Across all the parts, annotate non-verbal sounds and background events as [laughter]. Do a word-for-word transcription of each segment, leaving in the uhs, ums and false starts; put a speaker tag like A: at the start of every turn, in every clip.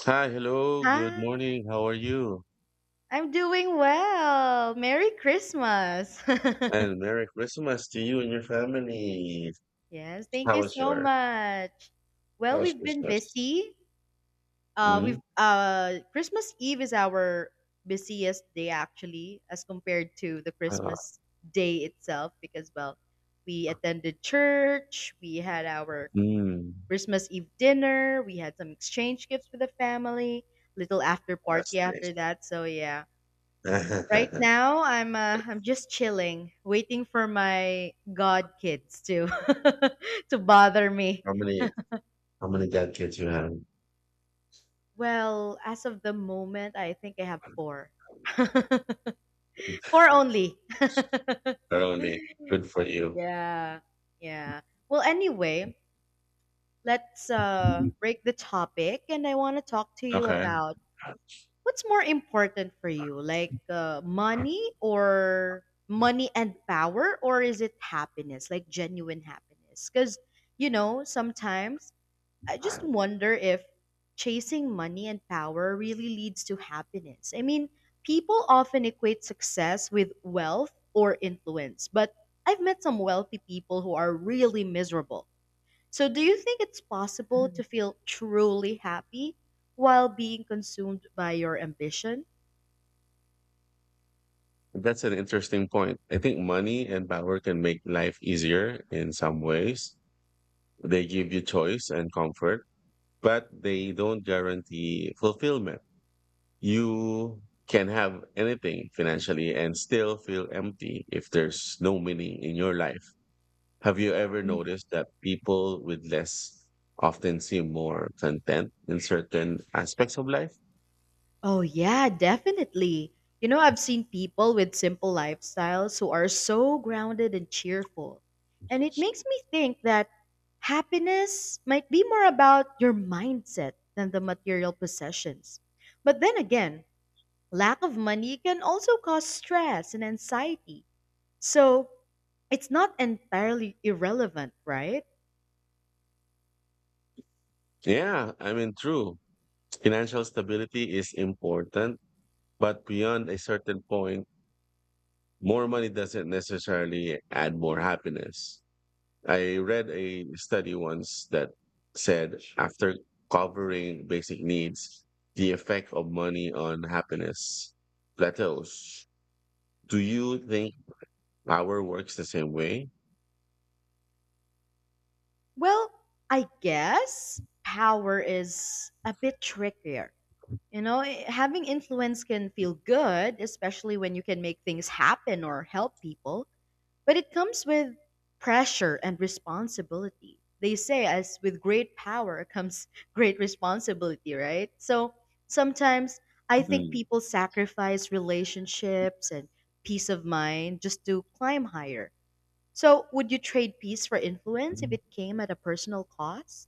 A: Hi, hello, good
B: Hi,
A: morning. How are you?
B: I'm doing well. Merry Christmas. [laughs]
A: And Merry Christmas to you and your family.
B: Yes, thank
A: How
B: you
A: was
B: so
A: your
B: much.
A: How
B: Well,
A: was
B: we've been
A: Christmas?
B: busy. Uh, we've
A: Mm,
B: uh, Christmas Eve is our busiest day actually, as compared to the
A: uh,
B: Christmas day itself, because well, we attended church, we had our
A: mm,
B: Christmas Eve dinner, we had some exchange gifts with the family, little after
A: that's
B: party
A: nice.
B: after that. So yeah. Right
A: [laughs]
B: now, I'm uh, I'm just chilling, waiting for my god kids to [laughs] to bother me.
A: How many How many grandkids you have?
B: Well, as of the moment, I think I have four. [laughs] four only.
A: Only good for you.
B: Yeah. Yeah. Well, anyway, let's uh break the topic and I want to talk to you
A: Okay,
B: about what's more important for you? Like uh, money or money and power, or is it happiness, like genuine happiness? Cuz you know, sometimes I just wonder if chasing money and power really leads to happiness. I mean, people often equate success with wealth or influence, but I've met some wealthy people who are really miserable. So, do you think it's possible to feel truly happy while being consumed by your ambition?
A: that's an interesting point. I think money and power can make life easier in some ways. They give you choice and comfort, but they don't guarantee fulfillment. You can have anything financially and still feel empty if there's no meaning in your life. Have you ever
B: Mm.
A: noticed that people with less often seem more content in certain aspects of life?
B: Oh, yeah, definitely. You know, I've seen people with simple lifestyles who are so grounded and cheerful. And it makes me think that happiness might be more about your mindset than the material possessions. But then again, lack of money can also cause stress and anxiety. So it's not entirely irrelevant, right?
A: Yeah, I mean, true. Financial stability is important, but beyond a certain point, more money doesn't necessarily add more happiness. I read a study once that said after covering basic needs, the effect of money on happiness plateaus. Do you think our works the same way?
B: Well, I guess power is a bit trickier. You know, eh, having influence can feel good, especially when you can make things happen or help people. But it comes with pressure and responsibility. They say, as with great power comes [laughs] great responsibility, right? So sometimes I think
A: Mm.
B: people sacrifice relationships and peace of mind just to climb higher. So would you trade peace for influence if
A: Mhm.
B: it came at a personal cost?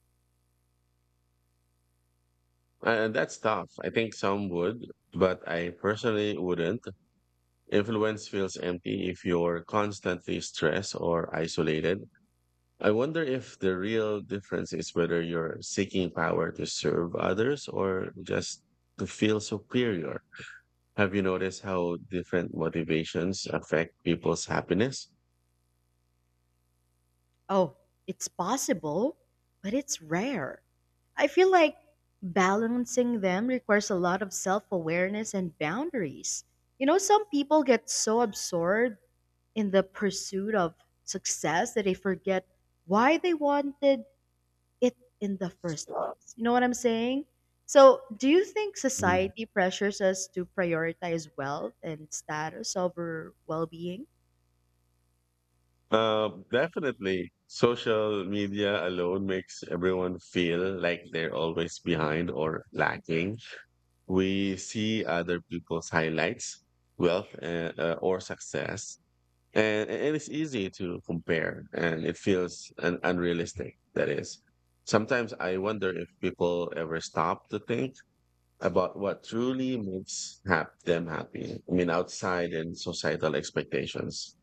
A: And that's tough. I think some would, but I personally wouldn't. Influence feels empty if you're constantly stressed or isolated. I wonder if the real difference is whether you're seeking power to serve others or just to feel superior. Have you noticed how different motivations affect people's happiness?
B: Oh, it's possible, but it's rare. I feel like balancing them requires a lot of self awareness and boundaries. You know, some people get so absorbed in the pursuit of success that they forget why they wanted it in the first place. You know what I'm saying? So, do you think society pressures us to prioritize wealth and status over well being?
A: Uh, definitely. Social media alone makes everyone feel like they're always behind or lacking. We see other people's highlights, wealth, uh, uh, or success, and, and it's easy to compare, and it feels un- unrealistic. That is, sometimes I wonder if people ever stop to think about what truly makes hap- them happy. I mean, outside and societal expectations.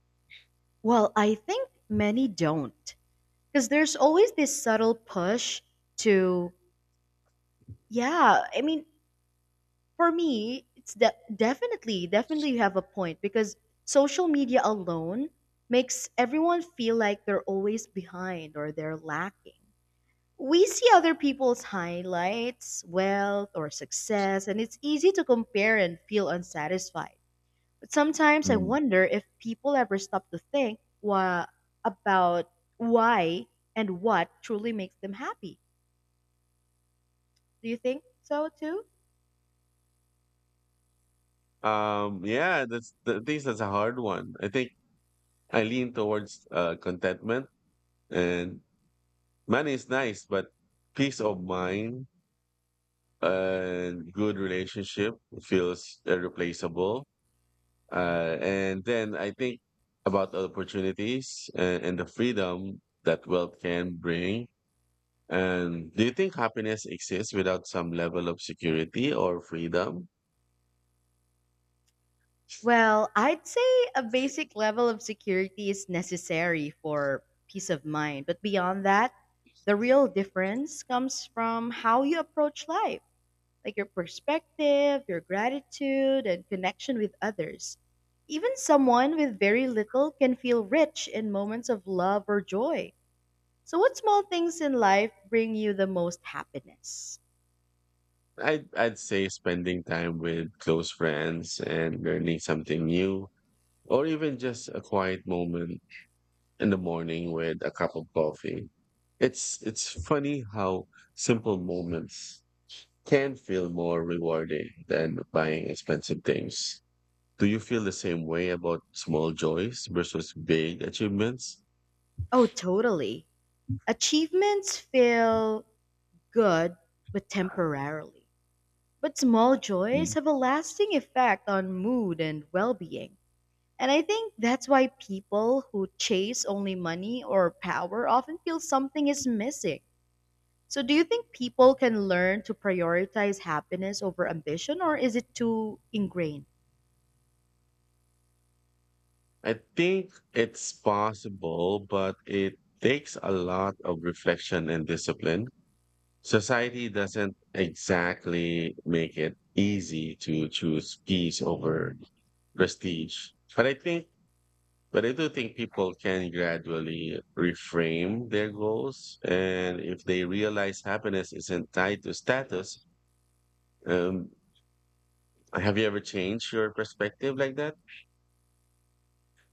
B: Well, I think many don't, because there's always this subtle push to. Yeah, I mean, for me, it's de- definitely definitely you have a point because social media alone makes everyone feel like they're always behind or they're lacking. We see other people's highlights, wealth, or success, and it's easy to compare and feel unsatisfied. But sometimes I
A: Mm.
B: wonder if people ever stop to think wha- about why and what truly makes them happy. Do you think so too?
A: Um, yeah, that's th- I think that's a hard one. I think I lean towards uh, contentment, and money is nice, but peace of mind and good relationship feels irreplaceable. Uh, and then I think about opportunities and, and the freedom that wealth can bring. And do you think happiness exists without some level of security or freedom?
B: Well, I'd say a basic level of security is necessary for peace of mind. But beyond that, the real difference comes from how you approach life, like your perspective, your gratitude, and connection with others. Even someone with very little can feel rich in moments of love or joy. So, what small things in life bring you the most happiness?
A: I'd, I'd say spending time with close friends and learning something new, or even just a quiet moment in the morning with a cup of coffee. It's, it's funny how simple moments can feel more rewarding than buying expensive things. Do you feel the same way about small joys versus big achievements?
B: Oh, totally. Achievements feel good, but temporarily. But small joys have a lasting effect on mood and well being. And I think that's why people who chase only money or power often feel something is missing. So, do you think people can learn to prioritize happiness over ambition, or is it too ingrained?
A: I think it's possible, but it takes a lot of reflection and discipline. Society doesn't exactly make it easy to choose peace over prestige. But I think, but I do think people can gradually reframe their goals. And if they realize happiness isn't tied to status, um, have you ever changed your perspective like that?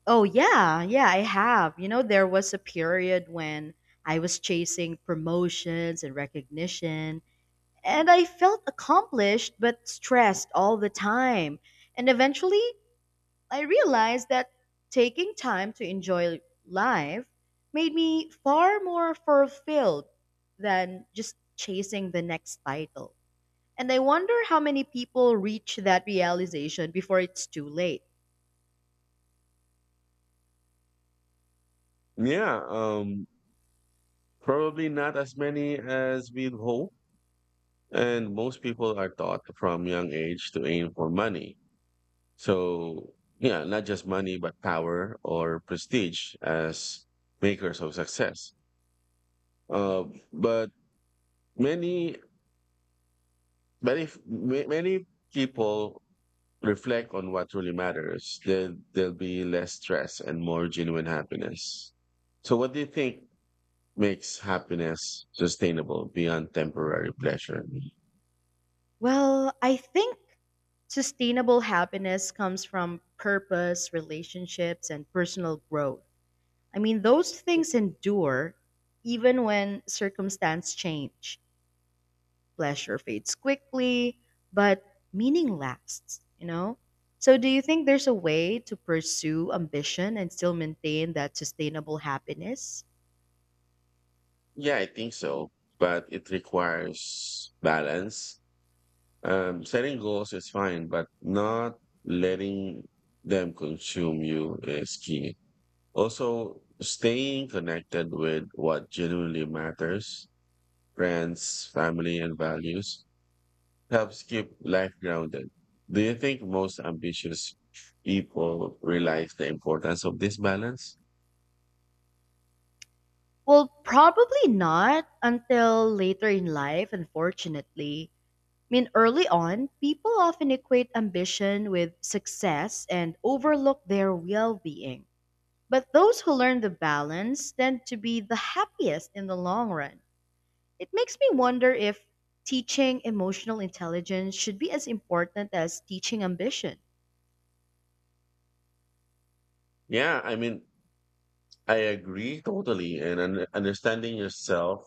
B: Oh, yeah, yeah, I have. You know, there was a period when I was chasing promotions and recognition. And I felt accomplished but stressed all the time. And eventually, I realized that taking time to enjoy life made me far more fulfilled than just chasing the next title. And I wonder how many people reach that realization before it's too late.
A: Yeah, um, probably not as many as we'd hope. And most people are taught from young age to aim for money. So, yeah, not just money, but power or prestige as makers of success. Uh, but many, many, ma- many people reflect on what really matters. There, there'll be less stress and more genuine happiness. So, what do you think makes happiness sustainable beyond temporary pleasure?
B: Well, I think sustainable happiness comes from purpose, relationships, and personal growth. I mean, those things endure even when circumstance change. Pleasure fades quickly, but meaning lasts, you know? So do you think there's a way to pursue ambition and still maintain that sustainable happiness?
A: Yeah, I think so, but it requires balance. Um, setting goals is fine, but not letting them consume you is key. Also, staying connected with what genuinely matters, friends, family, and values, helps keep life grounded. Do you think most ambitious people realize the importance of this balance?
B: Well, probably not until later in life, unfortunately. I mean, early on, people often equate ambition with success and overlook their well being. But those who learn the balance tend to be the happiest in the long run. It makes me wonder if teaching emotional intelligence should be as important as teaching ambition.
A: Yeah, I mean, I agree totally. And un- understanding yourself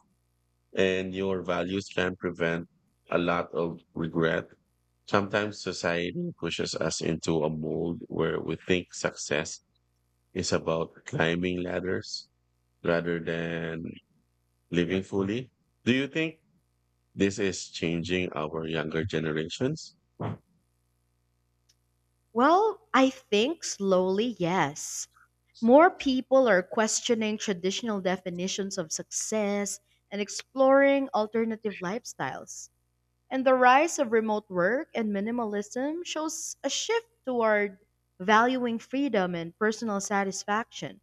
A: and your values can prevent a lot of regret. Sometimes society pushes us into a mold where we think success is about climbing ladders rather than living fully. Do you think this is changing our younger generations?
B: Well, I think slowly, yes. More people are questioning traditional definitions of success and exploring alternative lifestyles. And the rise of remote work and minimalism shows a shift toward valuing freedom and personal satisfaction.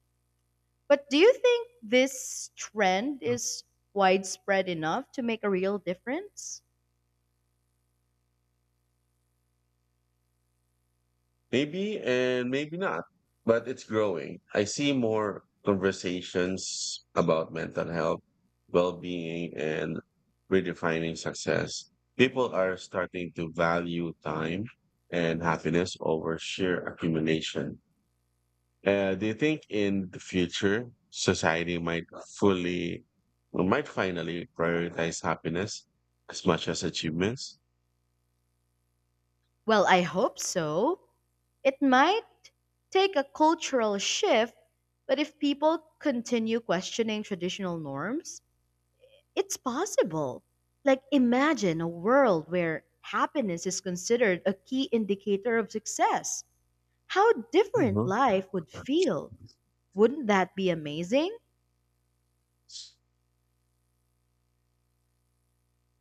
B: But do you think this trend is widespread enough to make a real difference?
A: Maybe and maybe not, but it's growing. I see more conversations about mental health, well-being, and redefining success. People are starting to value time and happiness over sheer accumulation. Uh, do you think in the future society might fully, might finally prioritize happiness as much as achievements?
B: Well, I hope so. It might take a cultural shift, but if people continue questioning traditional norms, it's possible. Like, imagine a world where happiness is considered a key indicator of success. How different
A: Mhm.
B: life would feel. Wouldn't that be amazing?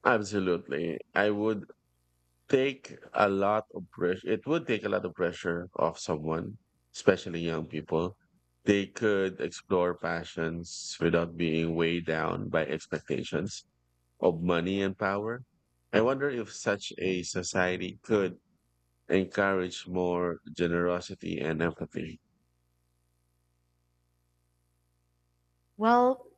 A: Absolutely. I would take a lot of pressure. It would take a lot of pressure off someone, especially young people. They could explore passions without being weighed down by expectations of money and power. I wonder if such a society could encourage more generosity and empathy.
B: Well,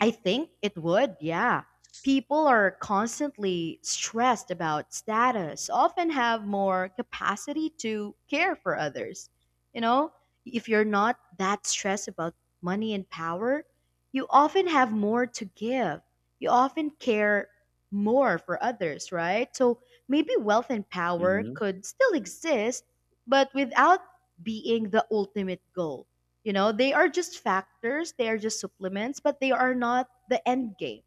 B: I think it would, yeah. People are constantly stressed about status, often have more capacity to care for others. You know, if you're not that stressed about money and power, you often have more to give. You often care more for others, right? So maybe wealth and power
A: Hmm.
B: could still exist, but without being the ultimate goal. You know, they are just factors, they are just supplements, but they are not the end game.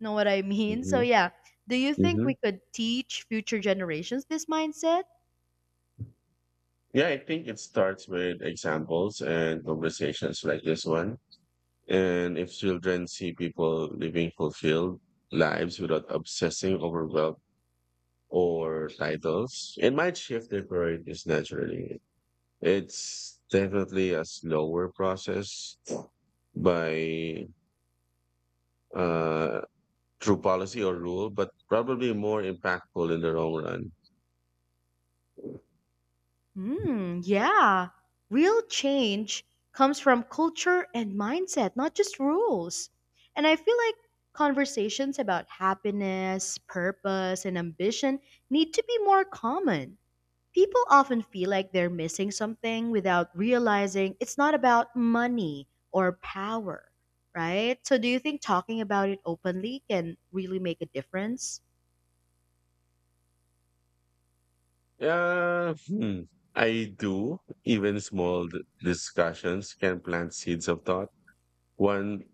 B: Know what I mean? So
A: Hmm.
B: yeah, do you think
A: Hmm,
B: we could teach future generations this mindset?
A: yeah, I think it starts with examples and conversations like this one. And if children see people living fulfilled lives without obsessing over wealth or titles, it might shift their priorities naturally. It's definitely a slower process by uh, through policy or rule, but probably more impactful in the long run.
B: Hmm, yeah. Real change comes from culture and mindset, not just rules. And I feel like conversations about happiness, purpose, and ambition need to be more common. People often feel like they're missing something without realizing it's not about money or power, right? So, do you think talking about it openly can really make a difference?
A: Yeah, hmm, I do. Even small d- discussions can plant seeds of thought. One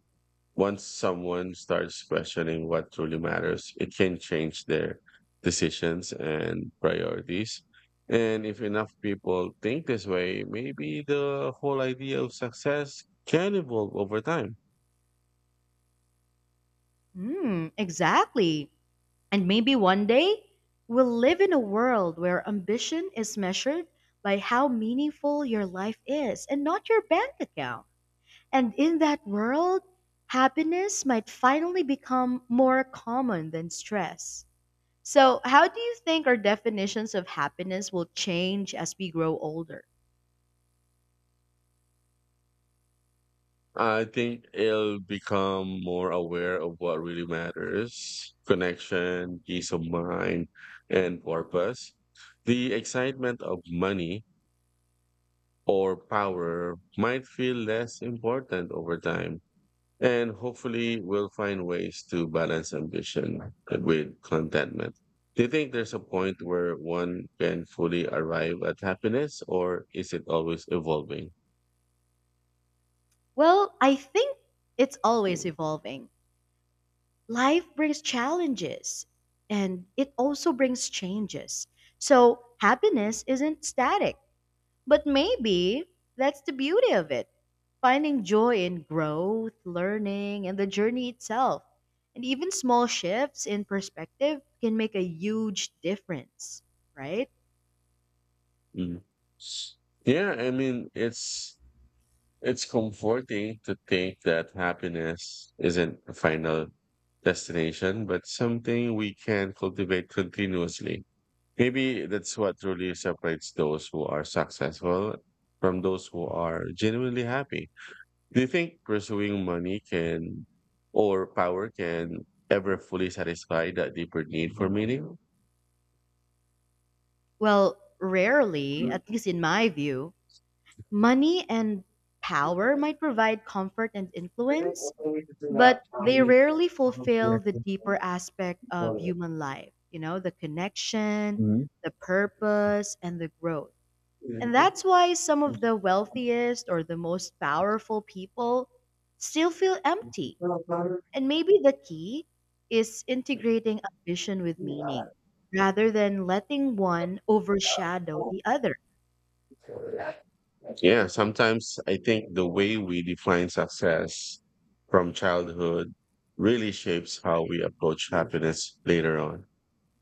A: Once someone starts questioning what truly matters, it can change their decisions and priorities. And if enough people think this way, maybe the whole idea of success can evolve over time.
B: Hmm, exactly. And maybe one day we'll live in a world where ambition is measured by how meaningful your life is and not your bank account. And in that world, happiness might finally become more common than stress. So, how do you think our definitions of happiness will change as we grow older?
A: I think it'll become more aware of what really matters: connection, peace of mind, and purpose. The excitement of money or power might feel less important over time. And hopefully, we'll find ways to balance ambition with contentment. Do you think there's a point where one can fully arrive at happiness, or is it always evolving?
B: Well, I think it's always evolving. Life brings challenges and it also brings changes. So, happiness isn't static, but maybe that's the beauty of it. Finding joy in growth, learning, and the journey itself. And even small shifts in perspective can make a huge difference, right?
A: Mm. Yeah, I mean, it's it's comforting to think that happiness isn't a final destination, but something we can cultivate continuously. Maybe that's what truly separates those who are successful from those who are genuinely happy. Do you think pursuing money can or power can ever fully satisfy that deeper need for meaning?
B: Well, rarely, at least in my view, money and power might provide comfort and influence, but they rarely fulfill the deeper aspect of human life, you know, the connection, the purpose, and the growth. And
A: Mhm.
B: that's why some of the wealthiest or the most powerful people still feel empty. And maybe the key is integrating ambition with meaning rather than letting one overshadow the other.
A: [laughs] Yeah, sometimes I think the way we define success from childhood really shapes how we approach happiness later on.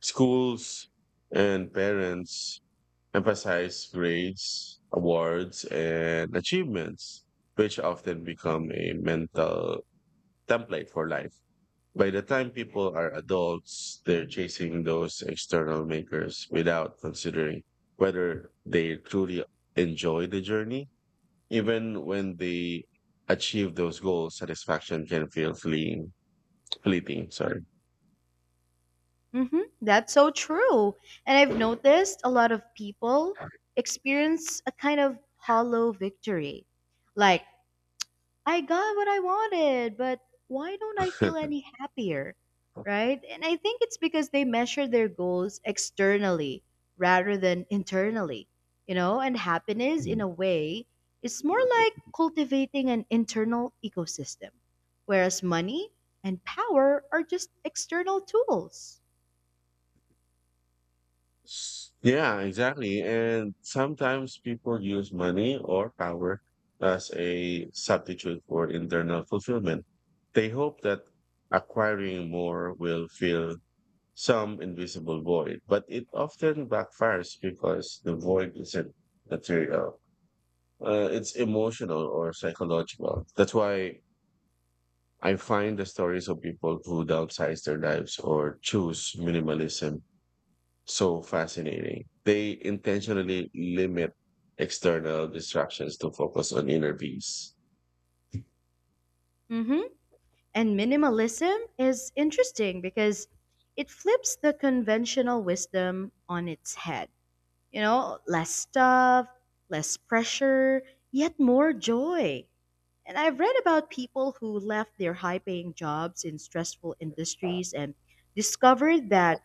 A: Schools and parents emphasize grades, awards, and achievements, which often become a mental template for life. By the time people are adults, they're chasing those external makers without considering whether they truly enjoy the journey. Even when they achieve those goals, satisfaction can feel fleeting. Fleeting, sorry.
B: Mm-hmm. That's so true. And I've noticed a lot of people experience a kind of hollow victory. Like, I got what I wanted, but why don't I feel
A: [laughs]
B: any happier? Right? And I think it's because they measure their goals externally rather than internally, you know? And happiness, in
A: Mm.
B: a way, is more like cultivating an internal ecosystem, whereas money and power are just external tools.
A: Yeah, exactly. And sometimes people use money or power as a substitute for internal fulfillment. They hope that acquiring more will fill some invisible void, but it often backfires because the void isn't material. Uh, it's emotional or psychological. That's why I find the stories of people who downsize their lives or choose minimalism so fascinating. They intentionally limit external distractions to focus on inner peace.
B: Mm-hmm. And minimalism is interesting because it flips the conventional wisdom on its head. You know, less stuff, less pressure, yet more joy. And I've read about people who left their high paying jobs in stressful industries and discovered that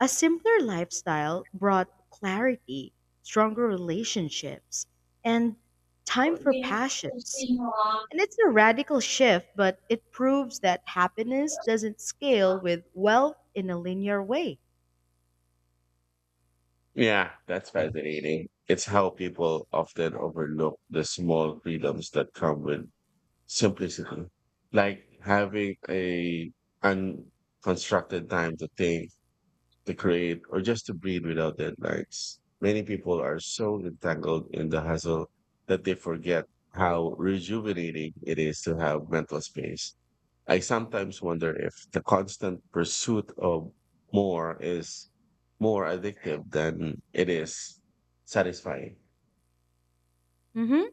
B: a simpler lifestyle brought clarity, stronger relationships, and time for passions. And it's a radical shift, but it proves that happiness doesn't scale with wealth in a linear way.
A: Yeah, that's fascinating. It's how people often overlook the small freedoms that come with simplicity, like having a unconstructed time to think, to create, or just to breathe without deadlines. Many people are so entangled in the hustle that they forget how rejuvenating it is to have mental space. I sometimes wonder if the constant pursuit of more is more addictive than it is satisfying.
B: Mm-hmm.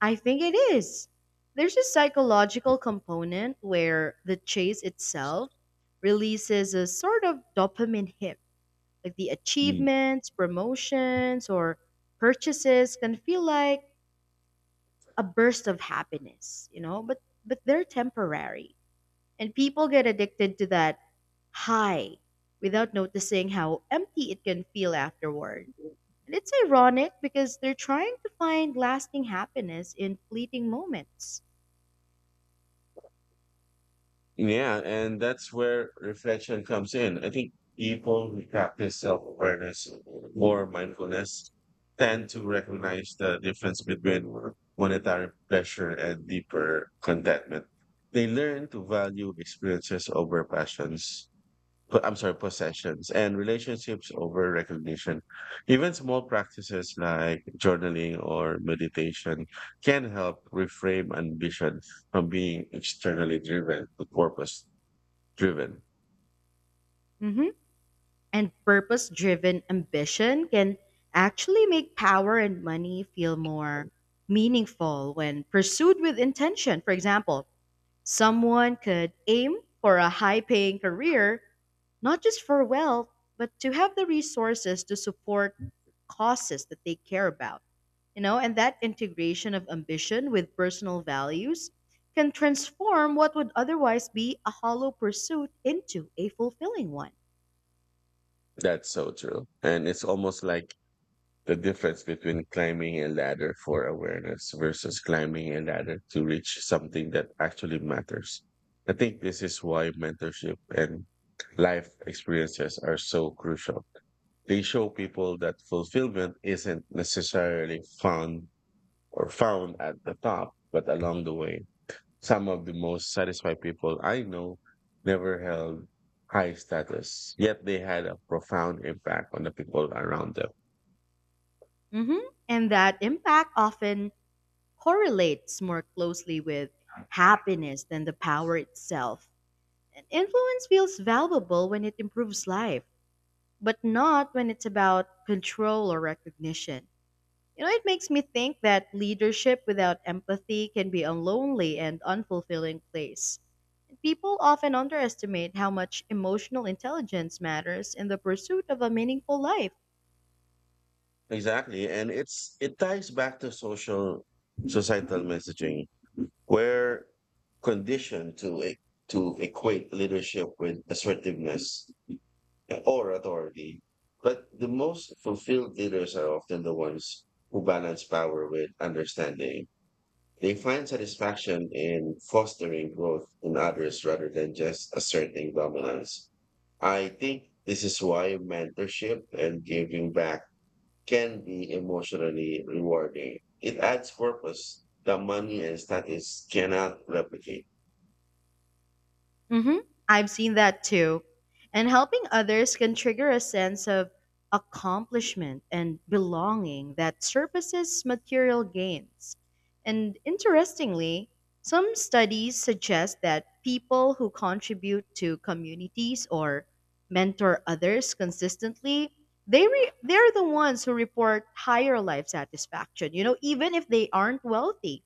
B: I think it is. There's a psychological component where the chase itself releases a sort of dopamine hit. Like the
A: Mm.
B: achievements, promotions, or purchases can feel like a burst of happiness, you know, but but they're temporary. And people get addicted to that high without noticing how empty it can feel afterward. And it's ironic because they're trying to find lasting happiness in fleeting moments.
A: Yeah, and that's where reflection comes in. I think people who practice self-awareness or mindfulness tend to recognize the difference between monetary pleasure and deeper contentment. They learn to value experiences over passions po- I'm sorry, possessions and relationships over recognition. Even small practices like journaling or meditation can help reframe ambition from being externally driven to purpose driven.
B: Hmm. And purpose driven ambition can actually make power and money feel more meaningful when pursued with intention. For example, someone could aim for a high paying career, not just for wealth, but to have the resources to support causes that they care about. You know, and that integration of ambition with personal values can transform what would otherwise be a hollow pursuit into a fulfilling one.
A: That's so true. And it's almost like the difference between climbing a ladder for awareness versus climbing a ladder to reach something that actually matters. I think this is why mentorship and life experiences are so crucial. They show people that fulfillment isn't necessarily found or found at the top, but along the way. Some of the most satisfied people I know never held high status, yet they had a profound impact on the people around them.
B: Mhm. And that impact often correlates more closely with happiness than the power itself. And influence feels valuable when it improves life, but not when it's about control or recognition. You know, it makes me think that leadership without empathy can be a lonely and unfulfilling place. People often underestimate how much emotional intelligence matters in the pursuit of a meaningful life.
A: Exactly. And it's it ties back to social societal messaging. We're conditioned to e- to equate leadership with assertiveness or authority. But the most fulfilled leaders are often the ones who balance power with understanding. They find satisfaction in fostering growth in others rather than just asserting dominance. I think this is why mentorship and giving back can be emotionally rewarding. It adds purpose that money and status cannot replicate.
B: Mm-hmm. I've seen that too. And helping others can trigger a sense of accomplishment and belonging that surpasses material gains. And interestingly, some studies suggest that people who contribute to communities or mentor others consistently, they re- they're the ones who report higher life satisfaction, you know, even if they aren't wealthy.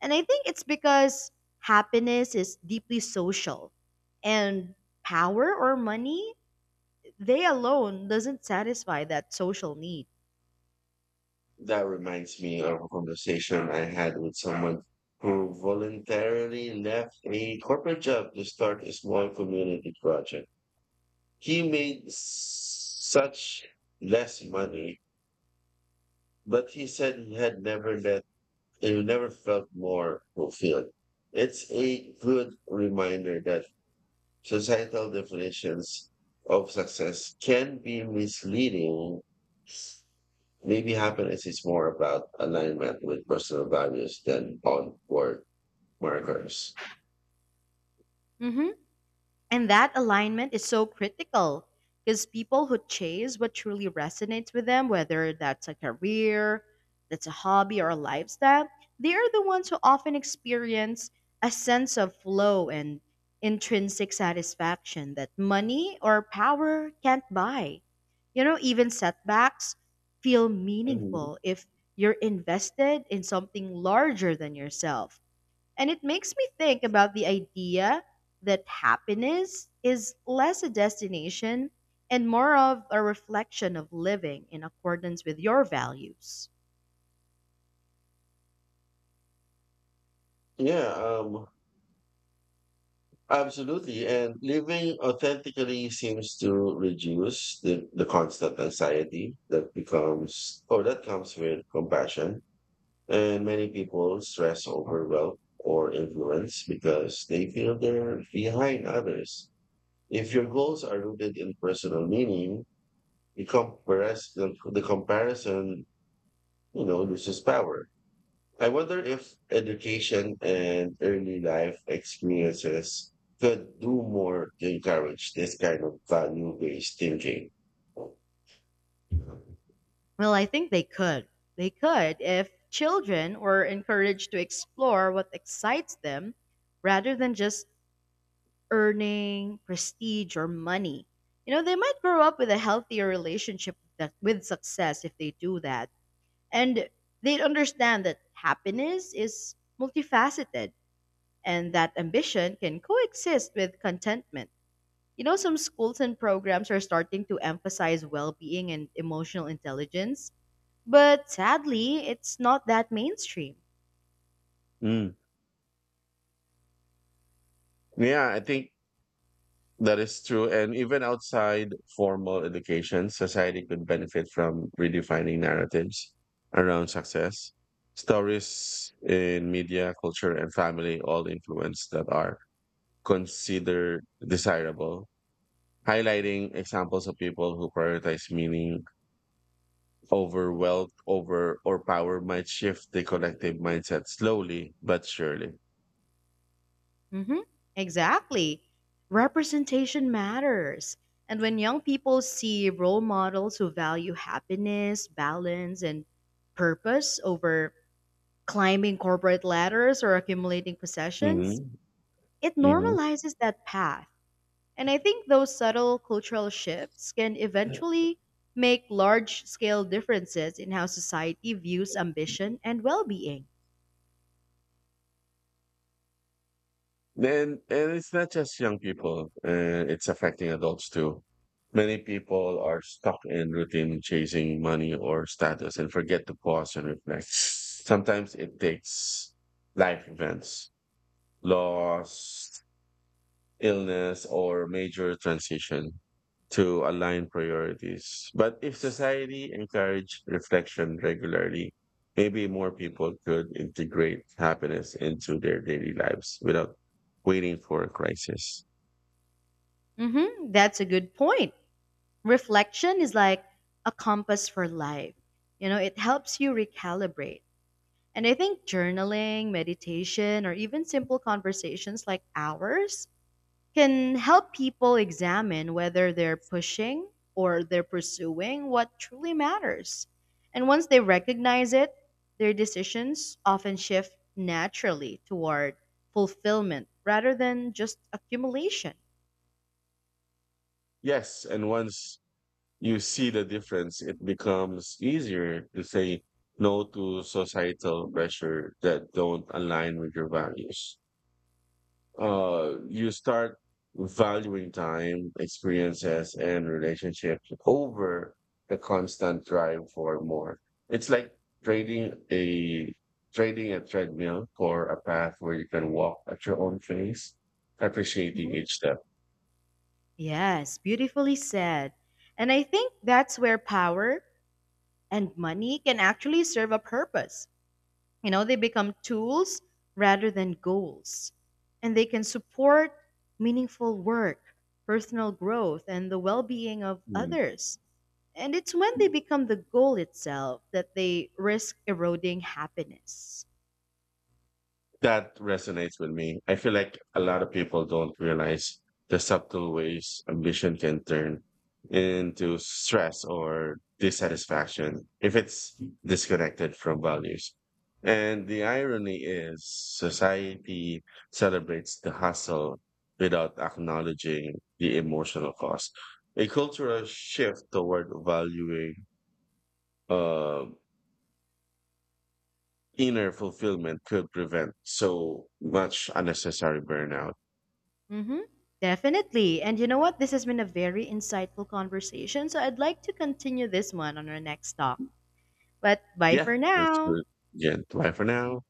B: And I think it's because happiness is deeply social and power or money, they alone doesn't satisfy that social need.
A: That reminds me of a conversation I had with someone who voluntarily left a corporate job to start a small community project. He made s- such less money, but he said he had never let he never felt more fulfilled. It's a good reminder that societal definitions of success can be misleading. Maybe happiness is more about alignment with personal values than outward markers.
B: And that alignment is so critical because people who chase what truly resonates with them, whether that's a career, that's a hobby, or a lifestyle, they are the ones who often experience a sense of flow and intrinsic satisfaction that money or power can't buy. You know, even setbacks feel
A: Mhm.
B: meaningful if you're invested in something larger than yourself. And it makes me think about the idea that happiness is less a destination and more of a reflection of living in accordance with your values.
A: Yeah, um, absolutely. And living authentically seems to reduce the, the constant anxiety that becomes or that comes with compassion. And many people stress over wealth or influence because they feel they're behind others. If your goals are rooted in personal meaning, the, compares, the, the comparison, you know, this is power. I wonder if education and early life experiences could do more to encourage this kind of value based thinking.
B: Well, I think they could. They could if children were encouraged to explore what excites them rather than just earning prestige or money. You know, they might grow up with a healthier relationship with that- with success if they do that. And they understand that happiness is multifaceted and that ambition can coexist with contentment. You know, some schools and programs are starting to emphasize well being and emotional intelligence, but sadly, it's not that mainstream.
A: Mm. Yeah, I think that is true. And even outside formal education, society could benefit from redefining narratives around success. Stories in media, culture, and family all influence that are considered desirable. Highlighting examples of people who prioritize meaning over wealth, over or power might shift the collective mindset slowly but surely.
B: Hmm. Exactly. Representation matters. And when young people see role models who value happiness, balance, and purpose over climbing corporate ladders or accumulating possessions,
A: Hmm.
B: it normalizes that path. And I think those subtle cultural shifts can eventually make large scale differences in how society views ambition and well being.
A: Then, and it's not just young people, uh, it's affecting adults too. Many people are stuck in routine chasing money or status and forget to pause and reflect. Sometimes it takes life events, loss, illness or major transition to align priorities. But if society encouraged reflection regularly, maybe more people could integrate happiness into their daily lives without waiting for a crisis.
B: Hmm, that's a good point. Reflection is like a compass for life, you know, it helps you recalibrate. And I think journaling, meditation, or even simple conversations like ours can help people examine whether they're pushing or they're pursuing what truly matters. And once they recognize it, their decisions often shift naturally toward fulfillment rather than just accumulation.
A: Yes, and once you see the difference, it becomes easier to say no to societal pressure that don't align with your values. Uh, you start valuing time, experiences, and relationships over the constant drive for more. It's like trading a trading a treadmill for a path where you can walk at your own pace, appreciating
B: Mhm.
A: each step.
B: Yes, beautifully said. And I think that's where power and money can actually serve a purpose. You know, they become tools rather than goals. And they can support meaningful work, personal growth, and the well being of
A: Hmm.
B: others. And it's when they become the goal itself that they risk eroding happiness.
A: That resonates with me. I feel like a lot of people don't realize the subtle ways ambition can turn into stress or dissatisfaction if it's disconnected from values. And the irony is society celebrates the hustle without acknowledging the emotional cost. A cultural shift toward valuing uh, inner fulfillment could prevent so much unnecessary burnout.
B: Hmm. Definitely. And you know what? This has been a very insightful conversation. So I'd like to continue this one on our next talk. But bye
A: Yeah,
B: for
A: let's do
B: now.
A: it. Yeah, bye for now.